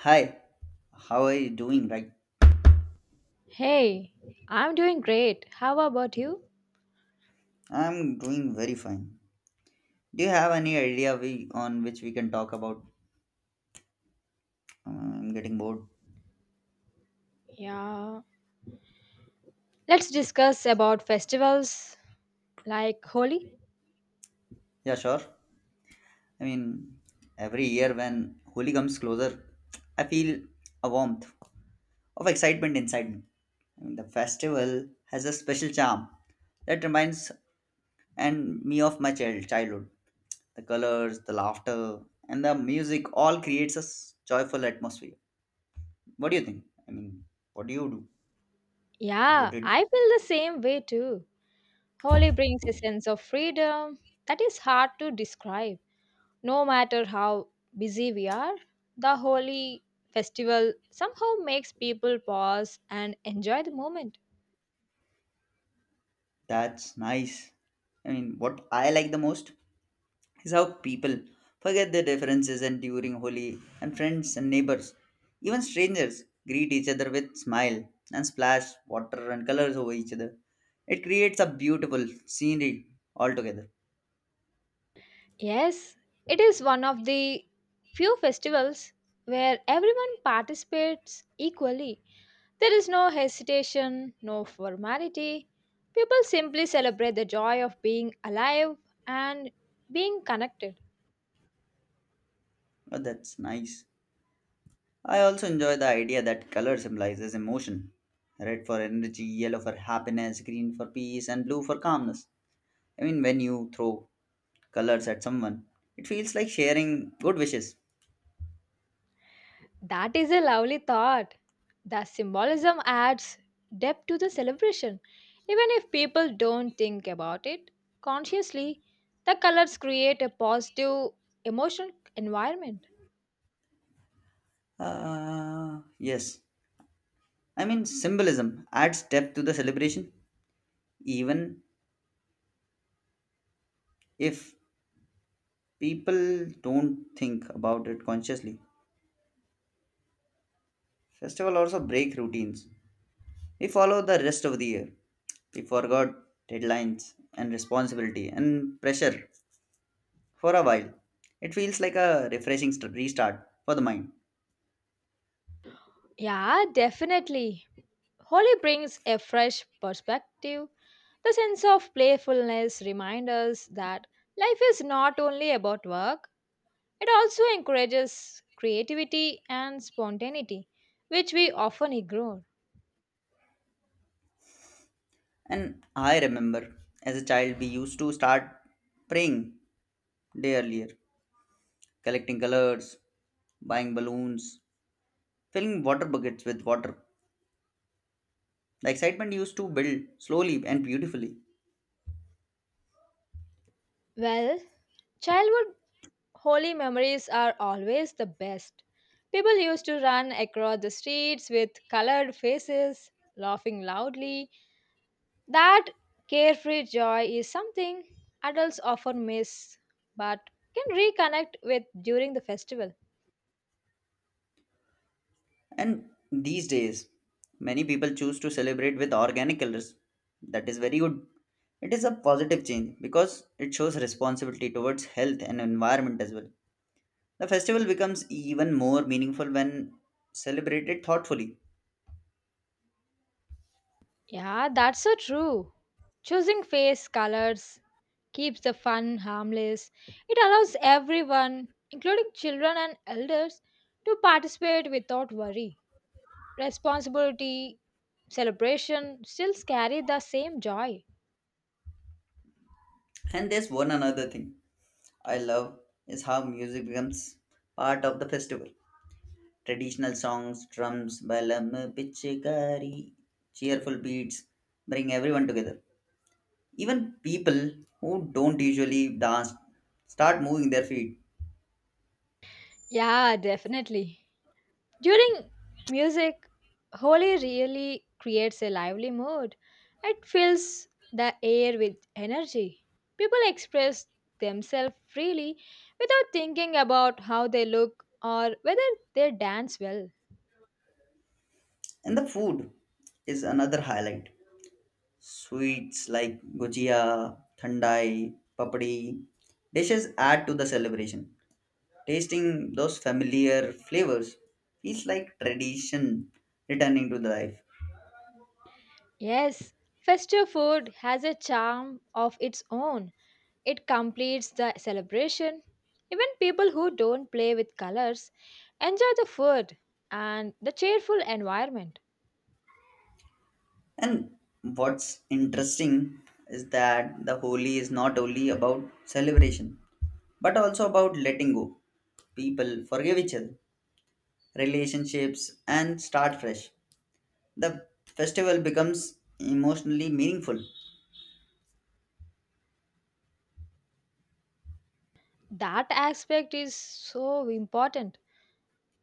Hi, how are you doing? Right, Hey, I'm doing great. How about you? I'm doing very fine. Do you have any idea we on which we can talk about? I'm getting bored. Yeah, let's discuss about festivals like Holi. Yeah, sure. I mean, every year when Holi comes closer, I feel a warmth of excitement inside me. I mean, the festival has a special charm that reminds and me of my childhood. The colors, the laughter, and the music all creates a joyful atmosphere. What do you think? I mean, what do you do? What you Yeah, did? I feel the same way too. Holi brings a sense of freedom that is hard to describe. No matter how busy we are, the Holi festival somehow makes people pause and enjoy the moment. That's nice. I mean, what I like the most is how people forget their differences and during Holi, and friends and neighbors, even strangers, greet each other with smile and splash water and colors over each other. It creates a beautiful scenery altogether. Yes, it is one of the few festivals where everyone participates equally. There is no hesitation, no formality. People simply celebrate the joy of being alive and being connected. Oh, that's nice. I also enjoy the idea that color symbolizes emotion. Red for energy, yellow for happiness, green for peace, and blue for calmness. I mean, when you throw colors at someone. It feels like sharing good wishes. That is a lovely thought. The symbolism adds depth to the celebration. Even if people don't think about it consciously, the colors create a positive emotional environment. Ah, yes. I mean, symbolism adds depth to the celebration, even if people don't think about it consciously. Festival also break routines. We follow the rest of the year. We forgot deadlines and responsibility and pressure for a while. It feels like a refreshing restart for the mind. Yeah, definitely. Holi brings a fresh perspective. The sense of playfulness reminds us that life is not only about work, it also encourages creativity and spontaneity, which we often ignore. And I remember as a child, we used to start praying day earlier collecting colors, buying balloons, filling water buckets with water. The excitement used to build slowly and beautifully. Well, childhood holy memories are always the best. People used to run across the streets with colored faces, laughing loudly. That carefree joy is something adults often miss but can reconnect with during the festival. And these days, many people choose to celebrate with organic colors. That is very good. It is a positive change because it shows responsibility towards health and environment as well. The festival becomes even more meaningful when celebrated thoughtfully. Yeah, that's so true. Choosing face colors keeps the fun harmless. It allows everyone, including children and elders, to participate without worry. Responsibility, celebration still carry the same joy. And there's one another thing I love is how music becomes part of the festival. Traditional songs, drums, balam, pichkari, cheerful beats bring everyone together. Even people who don't usually dance start moving their feet. Yeah, definitely. During music, Holi really creates a lively mood. It fills the air with energy. People express themselves freely without thinking about how they look or whether they dance well. And the food is another highlight. Sweets like gujia, thandai, papdi, dishes add to the celebration. Tasting those familiar flavors feels like tradition returning to the life. Yes, festive food has a charm of its own. It completes the celebration. Even people who don't play with colors enjoy the food and the cheerful environment. And what's interesting is that the Holi is not only about celebration, but also about letting go. People forgive each other, relationships, and start fresh. The festival becomes emotionally meaningful. That aspect is so important.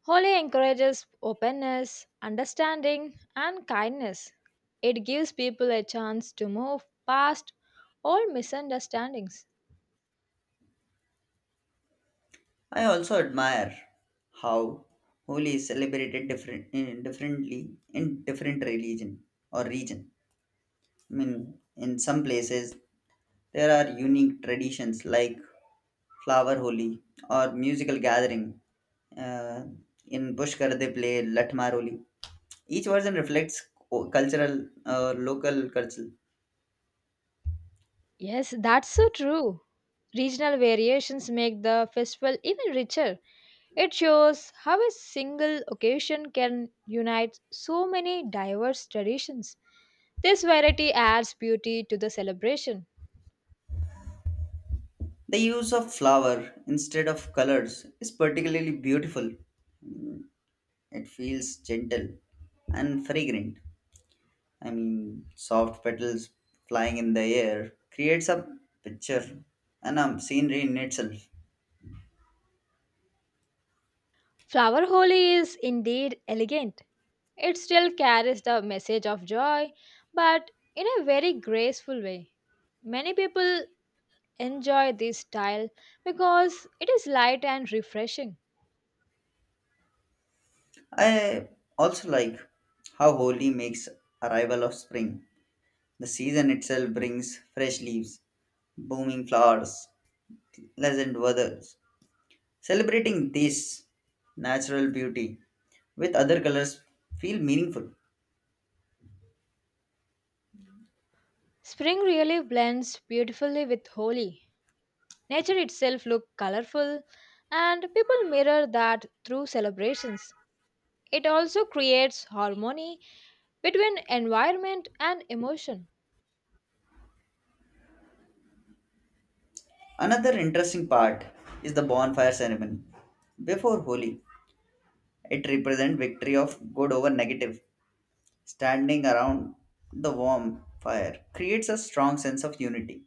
Holy encourages openness, understanding, and kindness. It gives people a chance to move past all misunderstandings. I also admire how Holi is celebrated differently in different religion or region. I mean, in some places there are unique traditions like flower holi or musical gathering. Uh, in Pushkar, they play Latmar holi. Each version reflects cultural local culture. Yes, that's so true. Regional variations make the festival even richer. It shows how a single occasion can unite so many diverse traditions. This variety adds beauty to the celebration. The use of flower instead of colors is particularly beautiful. It feels gentle and fragrant. I mean, soft petals flying in the air creates a picture and a scenery in itself. Flower Holi is indeed elegant. It still carries the message of joy, but in a very graceful way. Many people enjoy this style because it is light and refreshing. I also like how Holi makes arrival of spring. The season itself brings fresh leaves, blooming flowers, pleasant weather. Celebrating this natural beauty with other colors feel meaningful. Spring really blends beautifully with Holi. Nature itself looks colorful, and people mirror that through celebrations. It also creates harmony between environment and emotion. Another interesting part is the bonfire ceremony. Before Holi, it represents victory of good over negative. Standing around the warm fire creates a strong sense of unity.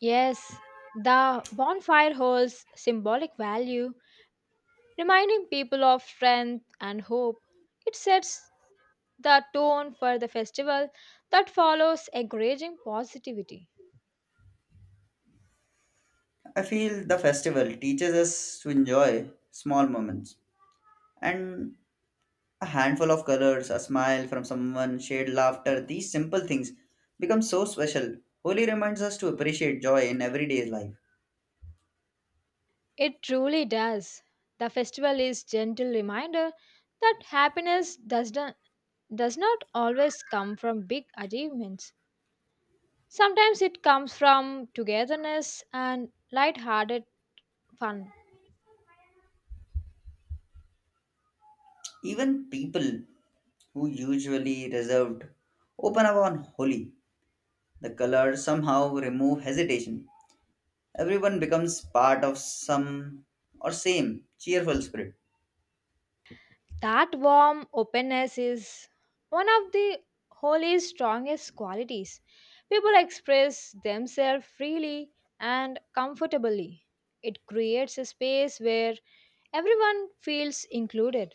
Yes, the bonfire holds symbolic value, reminding people of strength and hope. It sets the tone for the festival that follows, encouraging positivity. I feel the festival teaches us to enjoy small moments and a handful of colors, a smile from someone, shared laughter, these simple things become so special. Holi reminds us to appreciate joy in everyday life. It truly does. The festival is gentle reminder that happiness does not always come from big achievements. Sometimes it comes from togetherness and light-hearted fun. Even people who usually reserved open up on Holi. The colors somehow remove hesitation. Everyone becomes part of some or same cheerful spirit. That warm openness is one of the Holy's strongest qualities. People express themselves freely and comfortably. It creates a space where everyone feels included.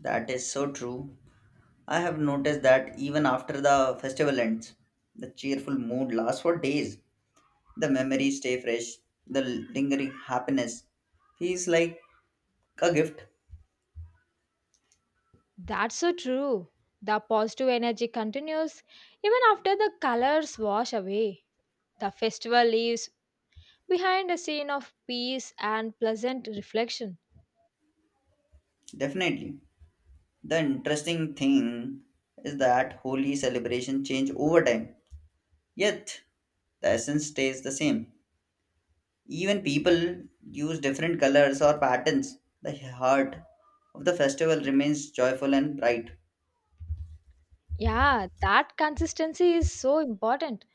That is so true. I have noticed that even after the festival ends, the cheerful mood lasts for days. The memories stay fresh, the lingering happiness feels like a gift, That's so true. The positive energy continues even after the colors wash away. The festival leaves behind a scene of peace and pleasant reflection. definitely. The interesting thing is that holy celebration change over time, yet the essence stays the same. Even people use different colors or patterns. The heart of the festival remains joyful and bright. Yeah, that consistency is so important.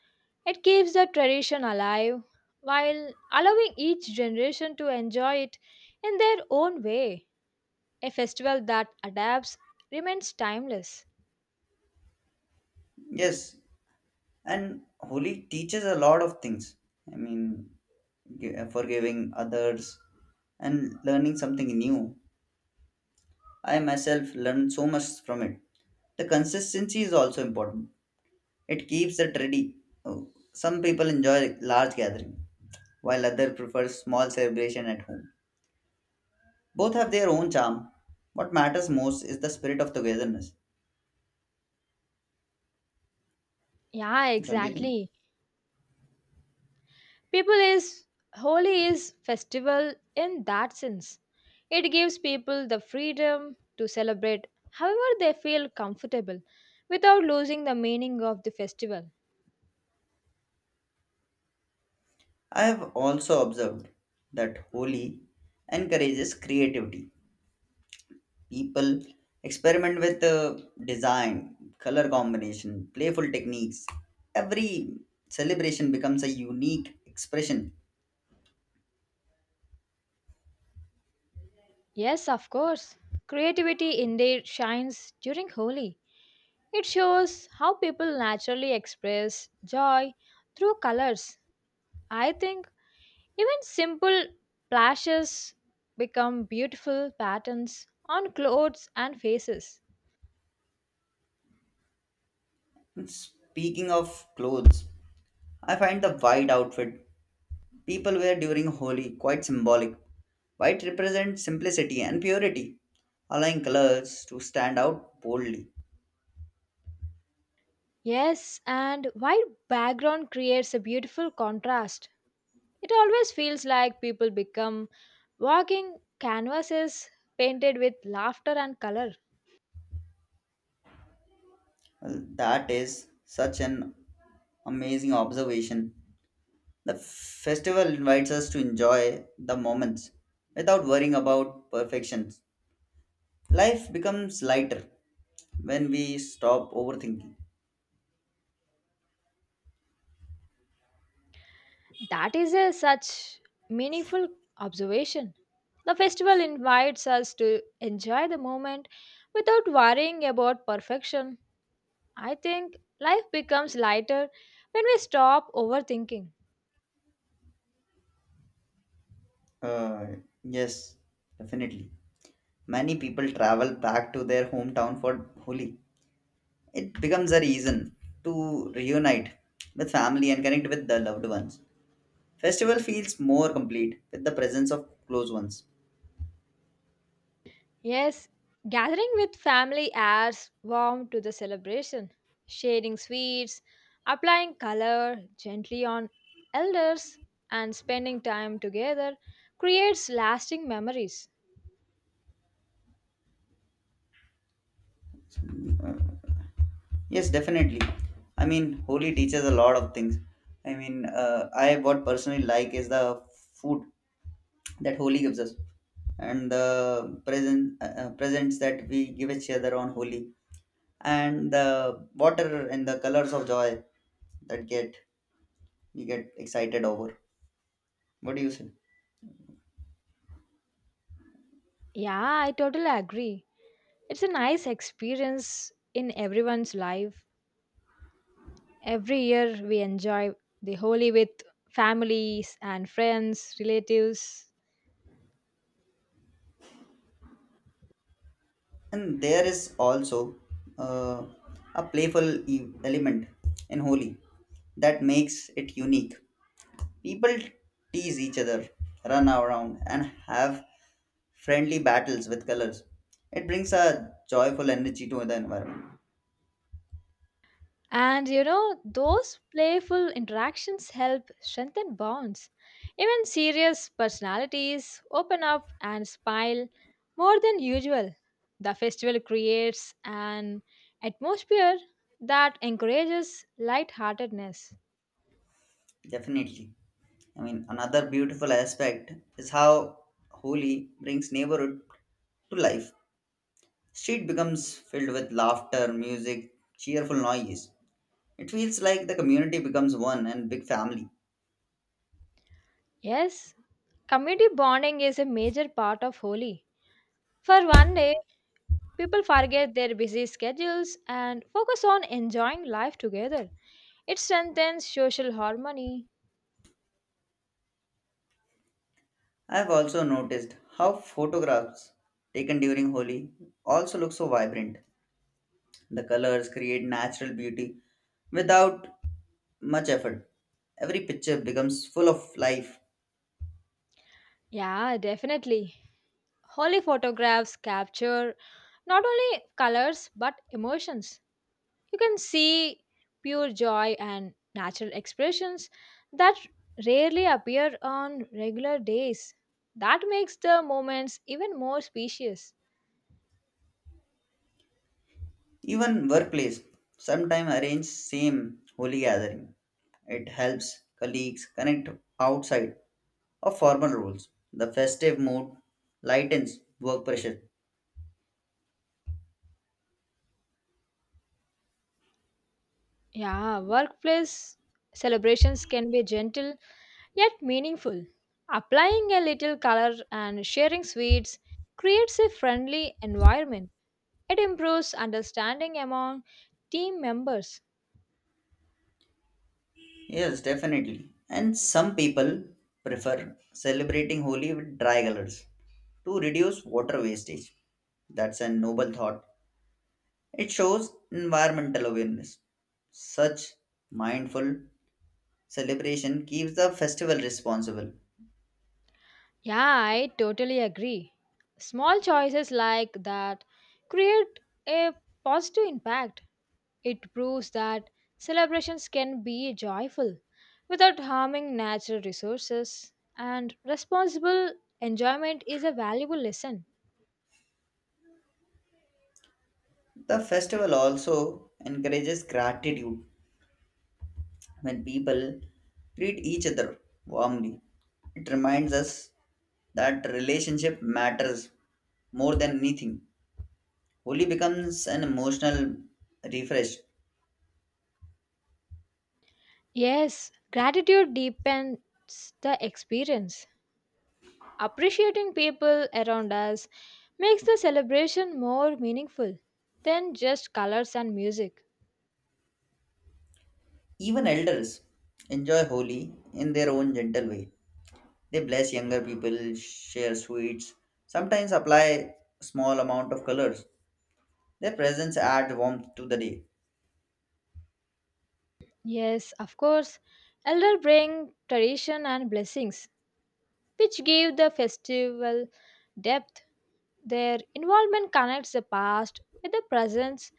It keeps the tradition alive while allowing each generation to enjoy it in their own way. A festival that adapts remains timeless. Yes, and Holi teaches a lot of things. I mean, forgiving others and learning something new. I myself learned so much from it. The consistency is also important. It keeps it ready. Oh, some people enjoy large gathering, while others prefer small celebration at home. Both have their own charm. What matters most is the spirit of togetherness, Yeah, don't you think? exactly. People is Holi is festival in that sense. It gives people the freedom to celebrate however they feel comfortable without losing the meaning of the festival. I have also observed that Holi encourages creativity. People experiment with design, color combination, playful techniques. Every celebration becomes a unique expression. Yes, of course. Creativity indeed shines during Holi. It shows how people naturally express joy through colors. I think even simple plashes become beautiful patterns on clothes and faces. Speaking of clothes, I find the white outfit people wear during Holi quite symbolic. White represents simplicity and purity, allowing colors to stand out boldly. Yes, and white background creates a beautiful contrast. It always feels like people become walking canvases painted with laughter and color. Well, that is such an amazing observation. The festival invites us to enjoy the moments without worrying about perfections. Life becomes lighter when we stop overthinking. That is a such meaningful observation. The festival invites us to enjoy the moment without worrying about perfection. I think life becomes lighter when we stop overthinking. Uh, yes, definitely. Many people travel back to their hometown for Holi. It becomes a reason to reunite with family and connect with the loved ones. Festival feels more complete with the presence of close ones. Yes, gathering with family adds warmth to the celebration. Sharing sweets, applying color gently on elders, and spending time together creates lasting memories. Uh, Yes, definitely. I mean, Holi teaches a lot of things. I mean, I what personally like is the food that Holi gives us, and the presents that we give each other on Holi, and the water and the colors of joy that get we get excited over. What do you say? Yeah, I totally agree. It's a nice experience in everyone's life. Every year we enjoy the Holi with families and friends, relatives. And there is also uh, a playful element in Holi that makes it unique. People tease each other, run around, and have friendly battles with colors. It brings a joyful energy to the environment. Those playful interactions help strengthen bonds. Even serious personalities open up and smile more than usual. The festival creates an atmosphere that encourages lightheartedness. Definitely. I mean, another beautiful aspect is how Holi brings neighborhood to life. Street becomes filled with laughter, music, cheerful noise. It feels like the community becomes one and big family. Yes, community bonding is a major part of Holi. For one day, people forget their busy schedules and focus on enjoying life together. It strengthens social harmony. I have also noticed how photographs taken during Holi also look so vibrant. The colors create natural beauty without much effort. Every picture becomes full of life. Yeah, definitely. Holy photographs capture not only colors but emotions. You can see pure joy and natural expressions that rarely appear on regular days. That makes the moments even more specious. Even workplace sometime arrange same holy gathering. It helps colleagues connect outside of formal roles. The festive mood lightens work pressure. Yeah, workplace celebrations can be gentle yet meaningful. Applying a little color and sharing sweets creates a friendly environment. It improves understanding among team members. Yes, definitely. And some people prefer celebrating Holi with dry colors to reduce water wastage. That's a noble thought. It shows environmental awareness. Such mindful celebration keeps the festival responsible. Yeah, I totally agree. Small choices like that create a positive impact. It proves that celebrations can be joyful without harming natural resources, and responsible enjoyment is a valuable lesson. The festival also encourages gratitude when people treat each other warmly. It reminds us that relationship matters more than anything. Holi becomes an emotional refresh. Yes, gratitude deepens the experience. Appreciating people around us makes the celebration more meaningful than just colors and music. Even elders enjoy Holi in their own gentle way. They bless younger people, share sweets, sometimes apply small amount of colors. Their presence adds warmth to the day. Yes, of course, elder bring tradition and blessings, which give the festival depth. Their involvement connects the past with the present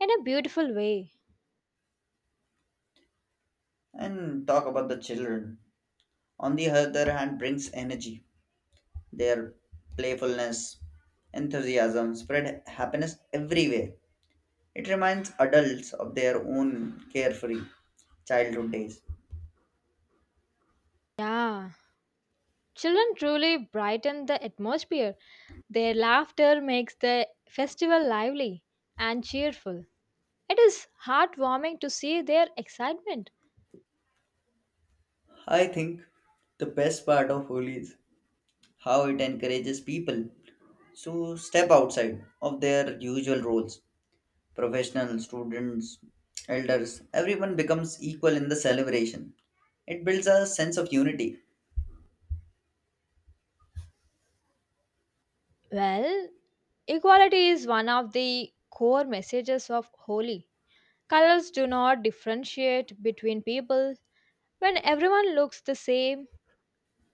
in a beautiful way. And talk about the children. On the other hand, brings energy. Their playfulness, enthusiasm spread happiness everywhere. It reminds adults of their own carefree childhood days. Yeah, children truly brighten the atmosphere. Their laughter makes the festival lively and cheerful. It is heartwarming to see their excitement. I think the best part of Holi is how it encourages people to step outside of their usual roles professional students, elders, everyone becomes equal in the celebration. It builds a sense of unity. Well, equality is one of the core messages of Holi. Colors do not differentiate between people. When everyone looks the same,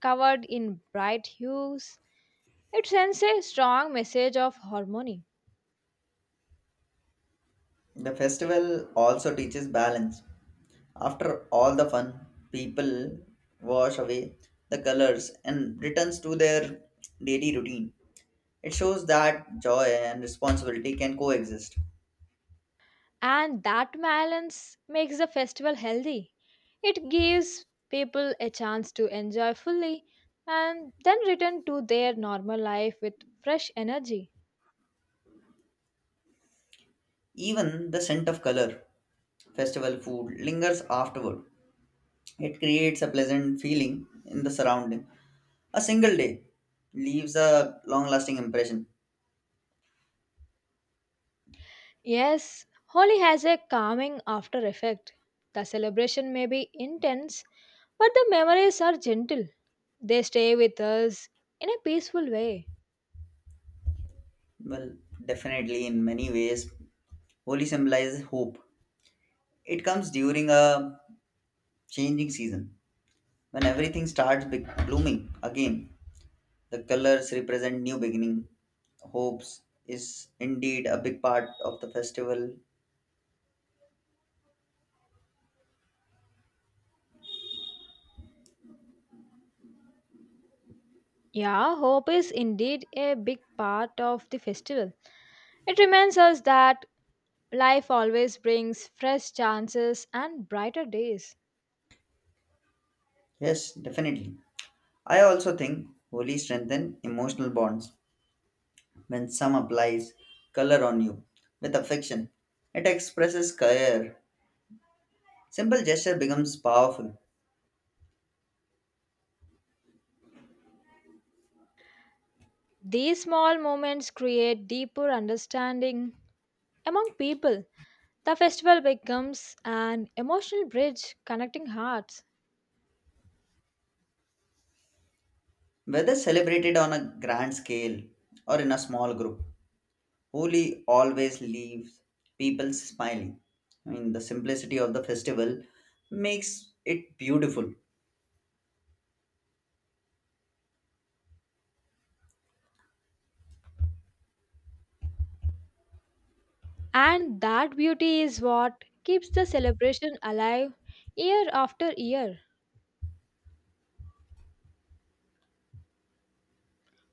covered in bright hues, it sends a strong message of harmony. The festival also teaches balance. After all the fun, people wash away the colors and returns to their daily routine. It shows that joy and responsibility can coexist. And that balance makes the festival healthy. It gives people a chance to enjoy fully and then return to their normal life with fresh energy. Even the scent of color, festival food lingers afterward. It creates a pleasant feeling in the surrounding. A single day leaves a long lasting impression. Yes, Holi has a calming after effect. The celebration may be intense, but the memories are gentle. They stay with us in a peaceful way. Well, definitely, in many ways, Holi symbolizes hope. It comes during a changing season when everything starts blooming again. The colors represent new beginning. Hopes is indeed a big part of the festival. Yeah, hope is indeed a big part of the festival. It reminds us that life always brings fresh chances and brighter days. Yes, definitely. I also think Holi strengthens emotional bonds when some applies color on you with affection. It expresses care. Simple gesture becomes powerful, These small moments create deeper understanding among people. The festival becomes an emotional bridge connecting hearts, whether celebrated on a grand scale or in a small group. Holi always leaves people smiling. I mean, the simplicity of the festival makes it beautiful. and that beauty is what keeps the celebration alive year after year.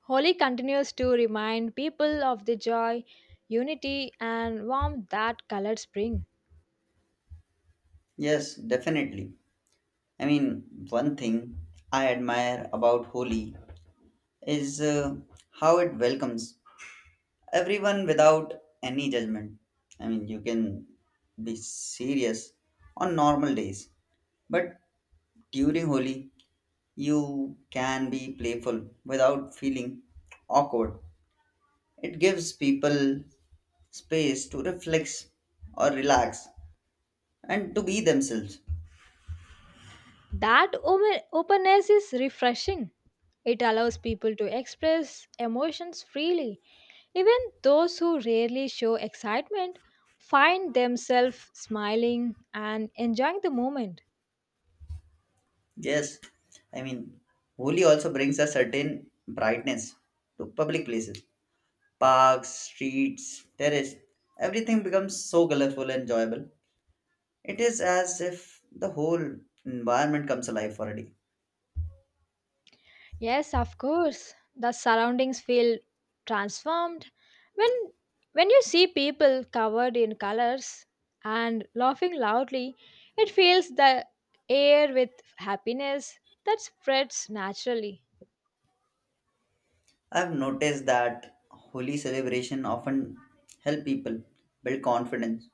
Holi continues to remind people of the joy, unity, and warmth that colors bring. Yes, definitely. I mean, one thing I admire about Holi is how it welcomes everyone without any judgment. I mean, you can be serious on normal days, but during Holi, you can be playful without feeling awkward. It gives people space to reflect or relax and to be themselves. That ome- openness is refreshing. It allows people to express emotions freely. Even those who rarely show excitement find themselves smiling and enjoying the moment. Yes, I mean, Holi also brings a certain brightness to public places. Parks, streets, terrace, everything becomes so colorful and enjoyable. It is as if the whole environment comes alive for a day. Yes, of course, the surroundings feel transformed when when you see people covered in colors and laughing loudly, it fills the air with happiness that spreads naturally. I've noticed that holy celebration often help people build confidence.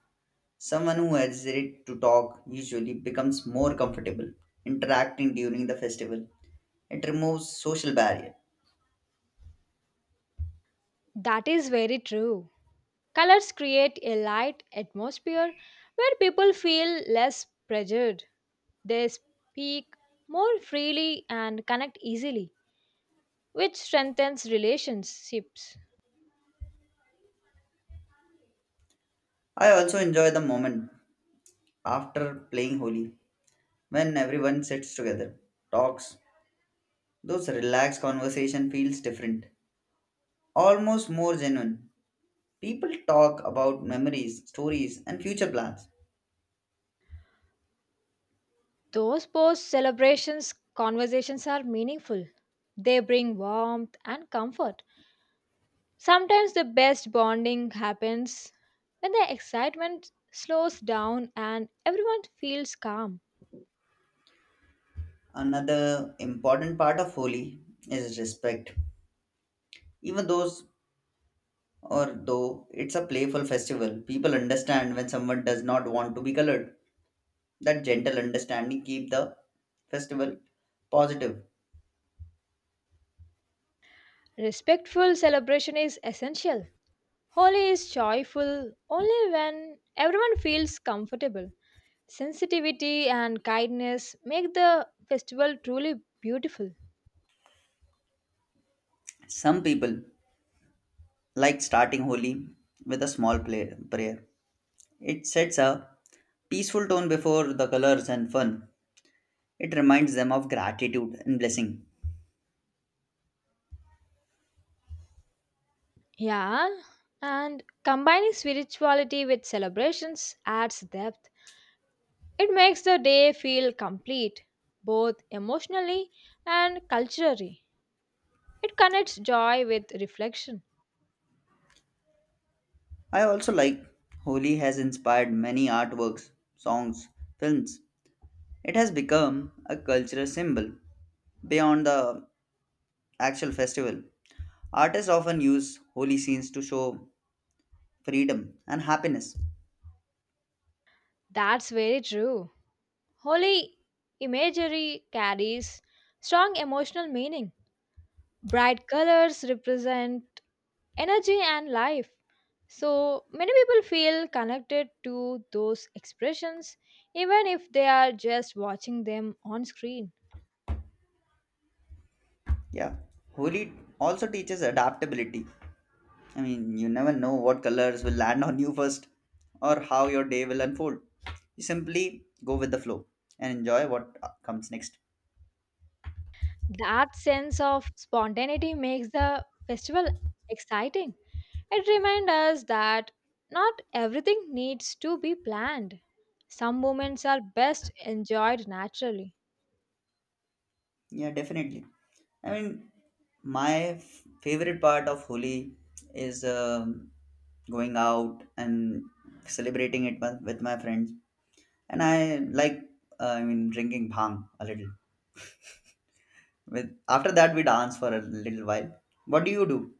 Someone who hesitates to talk usually becomes more comfortable interacting during the festival. It removes social barrier. That is very true. Colors create a light atmosphere where people feel less pressured. They speak more freely and connect easily, which strengthens relationships. I also enjoy the moment after playing Holi when everyone sits together, talks. Those relaxed conversation feels different, almost more genuine. People talk about memories, stories, and future plans. Those post celebrations conversations are meaningful. They bring warmth and comfort. Sometimes the best bonding happens when the excitement slows down and everyone feels calm. Another important part of Holi is respect. Even those or though it's a playful festival, people understand when someone does not want to be colored. That gentle understanding keep the festival positive. Respectful celebration is essential. Holi is joyful only when everyone feels comfortable. Sensitivity and kindness make the festival truly beautiful. Some people like starting Holi with a small prayer. It sets a peaceful tone before the colors and fun. It reminds them of gratitude and blessing. Yeah, and combining spirituality with celebrations adds depth. It makes the day feel complete, both emotionally and culturally. It connects joy with reflection. I also like Holi has inspired many artworks, songs, films. It has become a cultural symbol beyond the actual festival. Artists often use holy scenes to show freedom and happiness. That's very true. Holy imagery carries strong emotional meaning. Bright colors represent energy and life. So many people feel connected to those expressions even if they are just watching them on screen. Yeah, holy also teaches adaptability. I mean, you never know what colors will land on you first or how your day will unfold. You simply go with the flow and enjoy what comes next. That sense of spontaneity makes the festival exciting. It reminds us that not everything needs to be planned. Some moments are best enjoyed naturally. Yeah, definitely. I mean, my favorite part of Holi is going out and celebrating it with my friends. And I mean, drinking bhang a little. With after that, we dance for a little while. What do you do?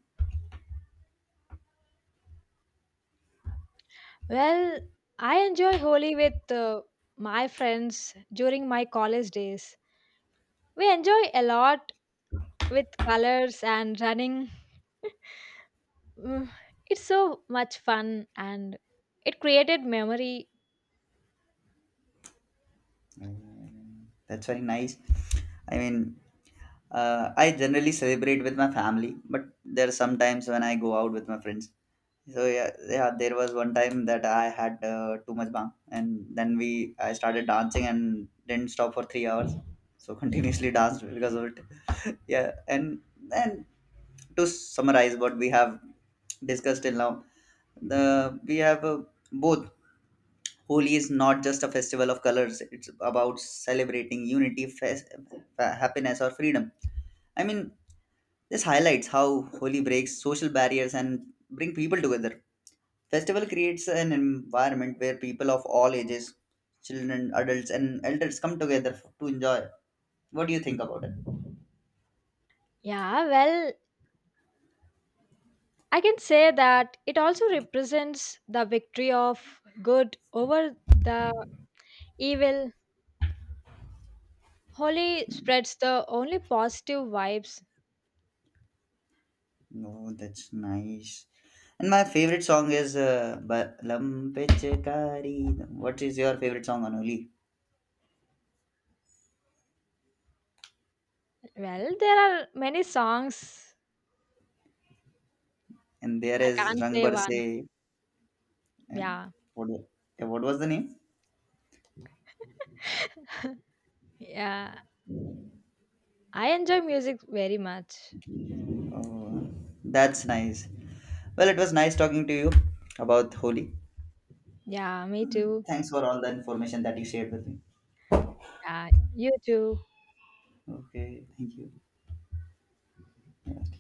Well, I enjoy Holi with my friends during my college days. We enjoy a lot with colors and running. Mm, it's so much fun and it created memory. That's very nice. I mean, I generally celebrate with my family, but there are some times when I go out with my friends. So yeah, there was one time that I had too much bang, and then we I started dancing and didn't stop for 3 hours. So continuously danced because of it. yeah, and to summarize what we have discussed till now, the we have both Holi is not just a festival of colors, it's about celebrating unity, happiness, or freedom. I mean, this highlights how Holi breaks social barriers and bring people together. Festival creates an environment where people of all ages, children, adults, and elders come together to enjoy. What do you think about it? Yeah, well, I can say that it also represents the victory of good over the evil. Holi spreads the only positive vibes. Oh, that's nice. And my favorite song is by Lam. What is your favorite song on Holi? Well, there are many songs. And there I is can't Rang say one. Barse. Eh? Yeah. What, wa- what was the name? Yeah. I enjoy music very much. Oh, that's nice. Well, it was nice talking to you about Holi. Yeah, me too. Thanks for all the information that you shared with me. Yeah, you too. Okay, thank you. Yeah.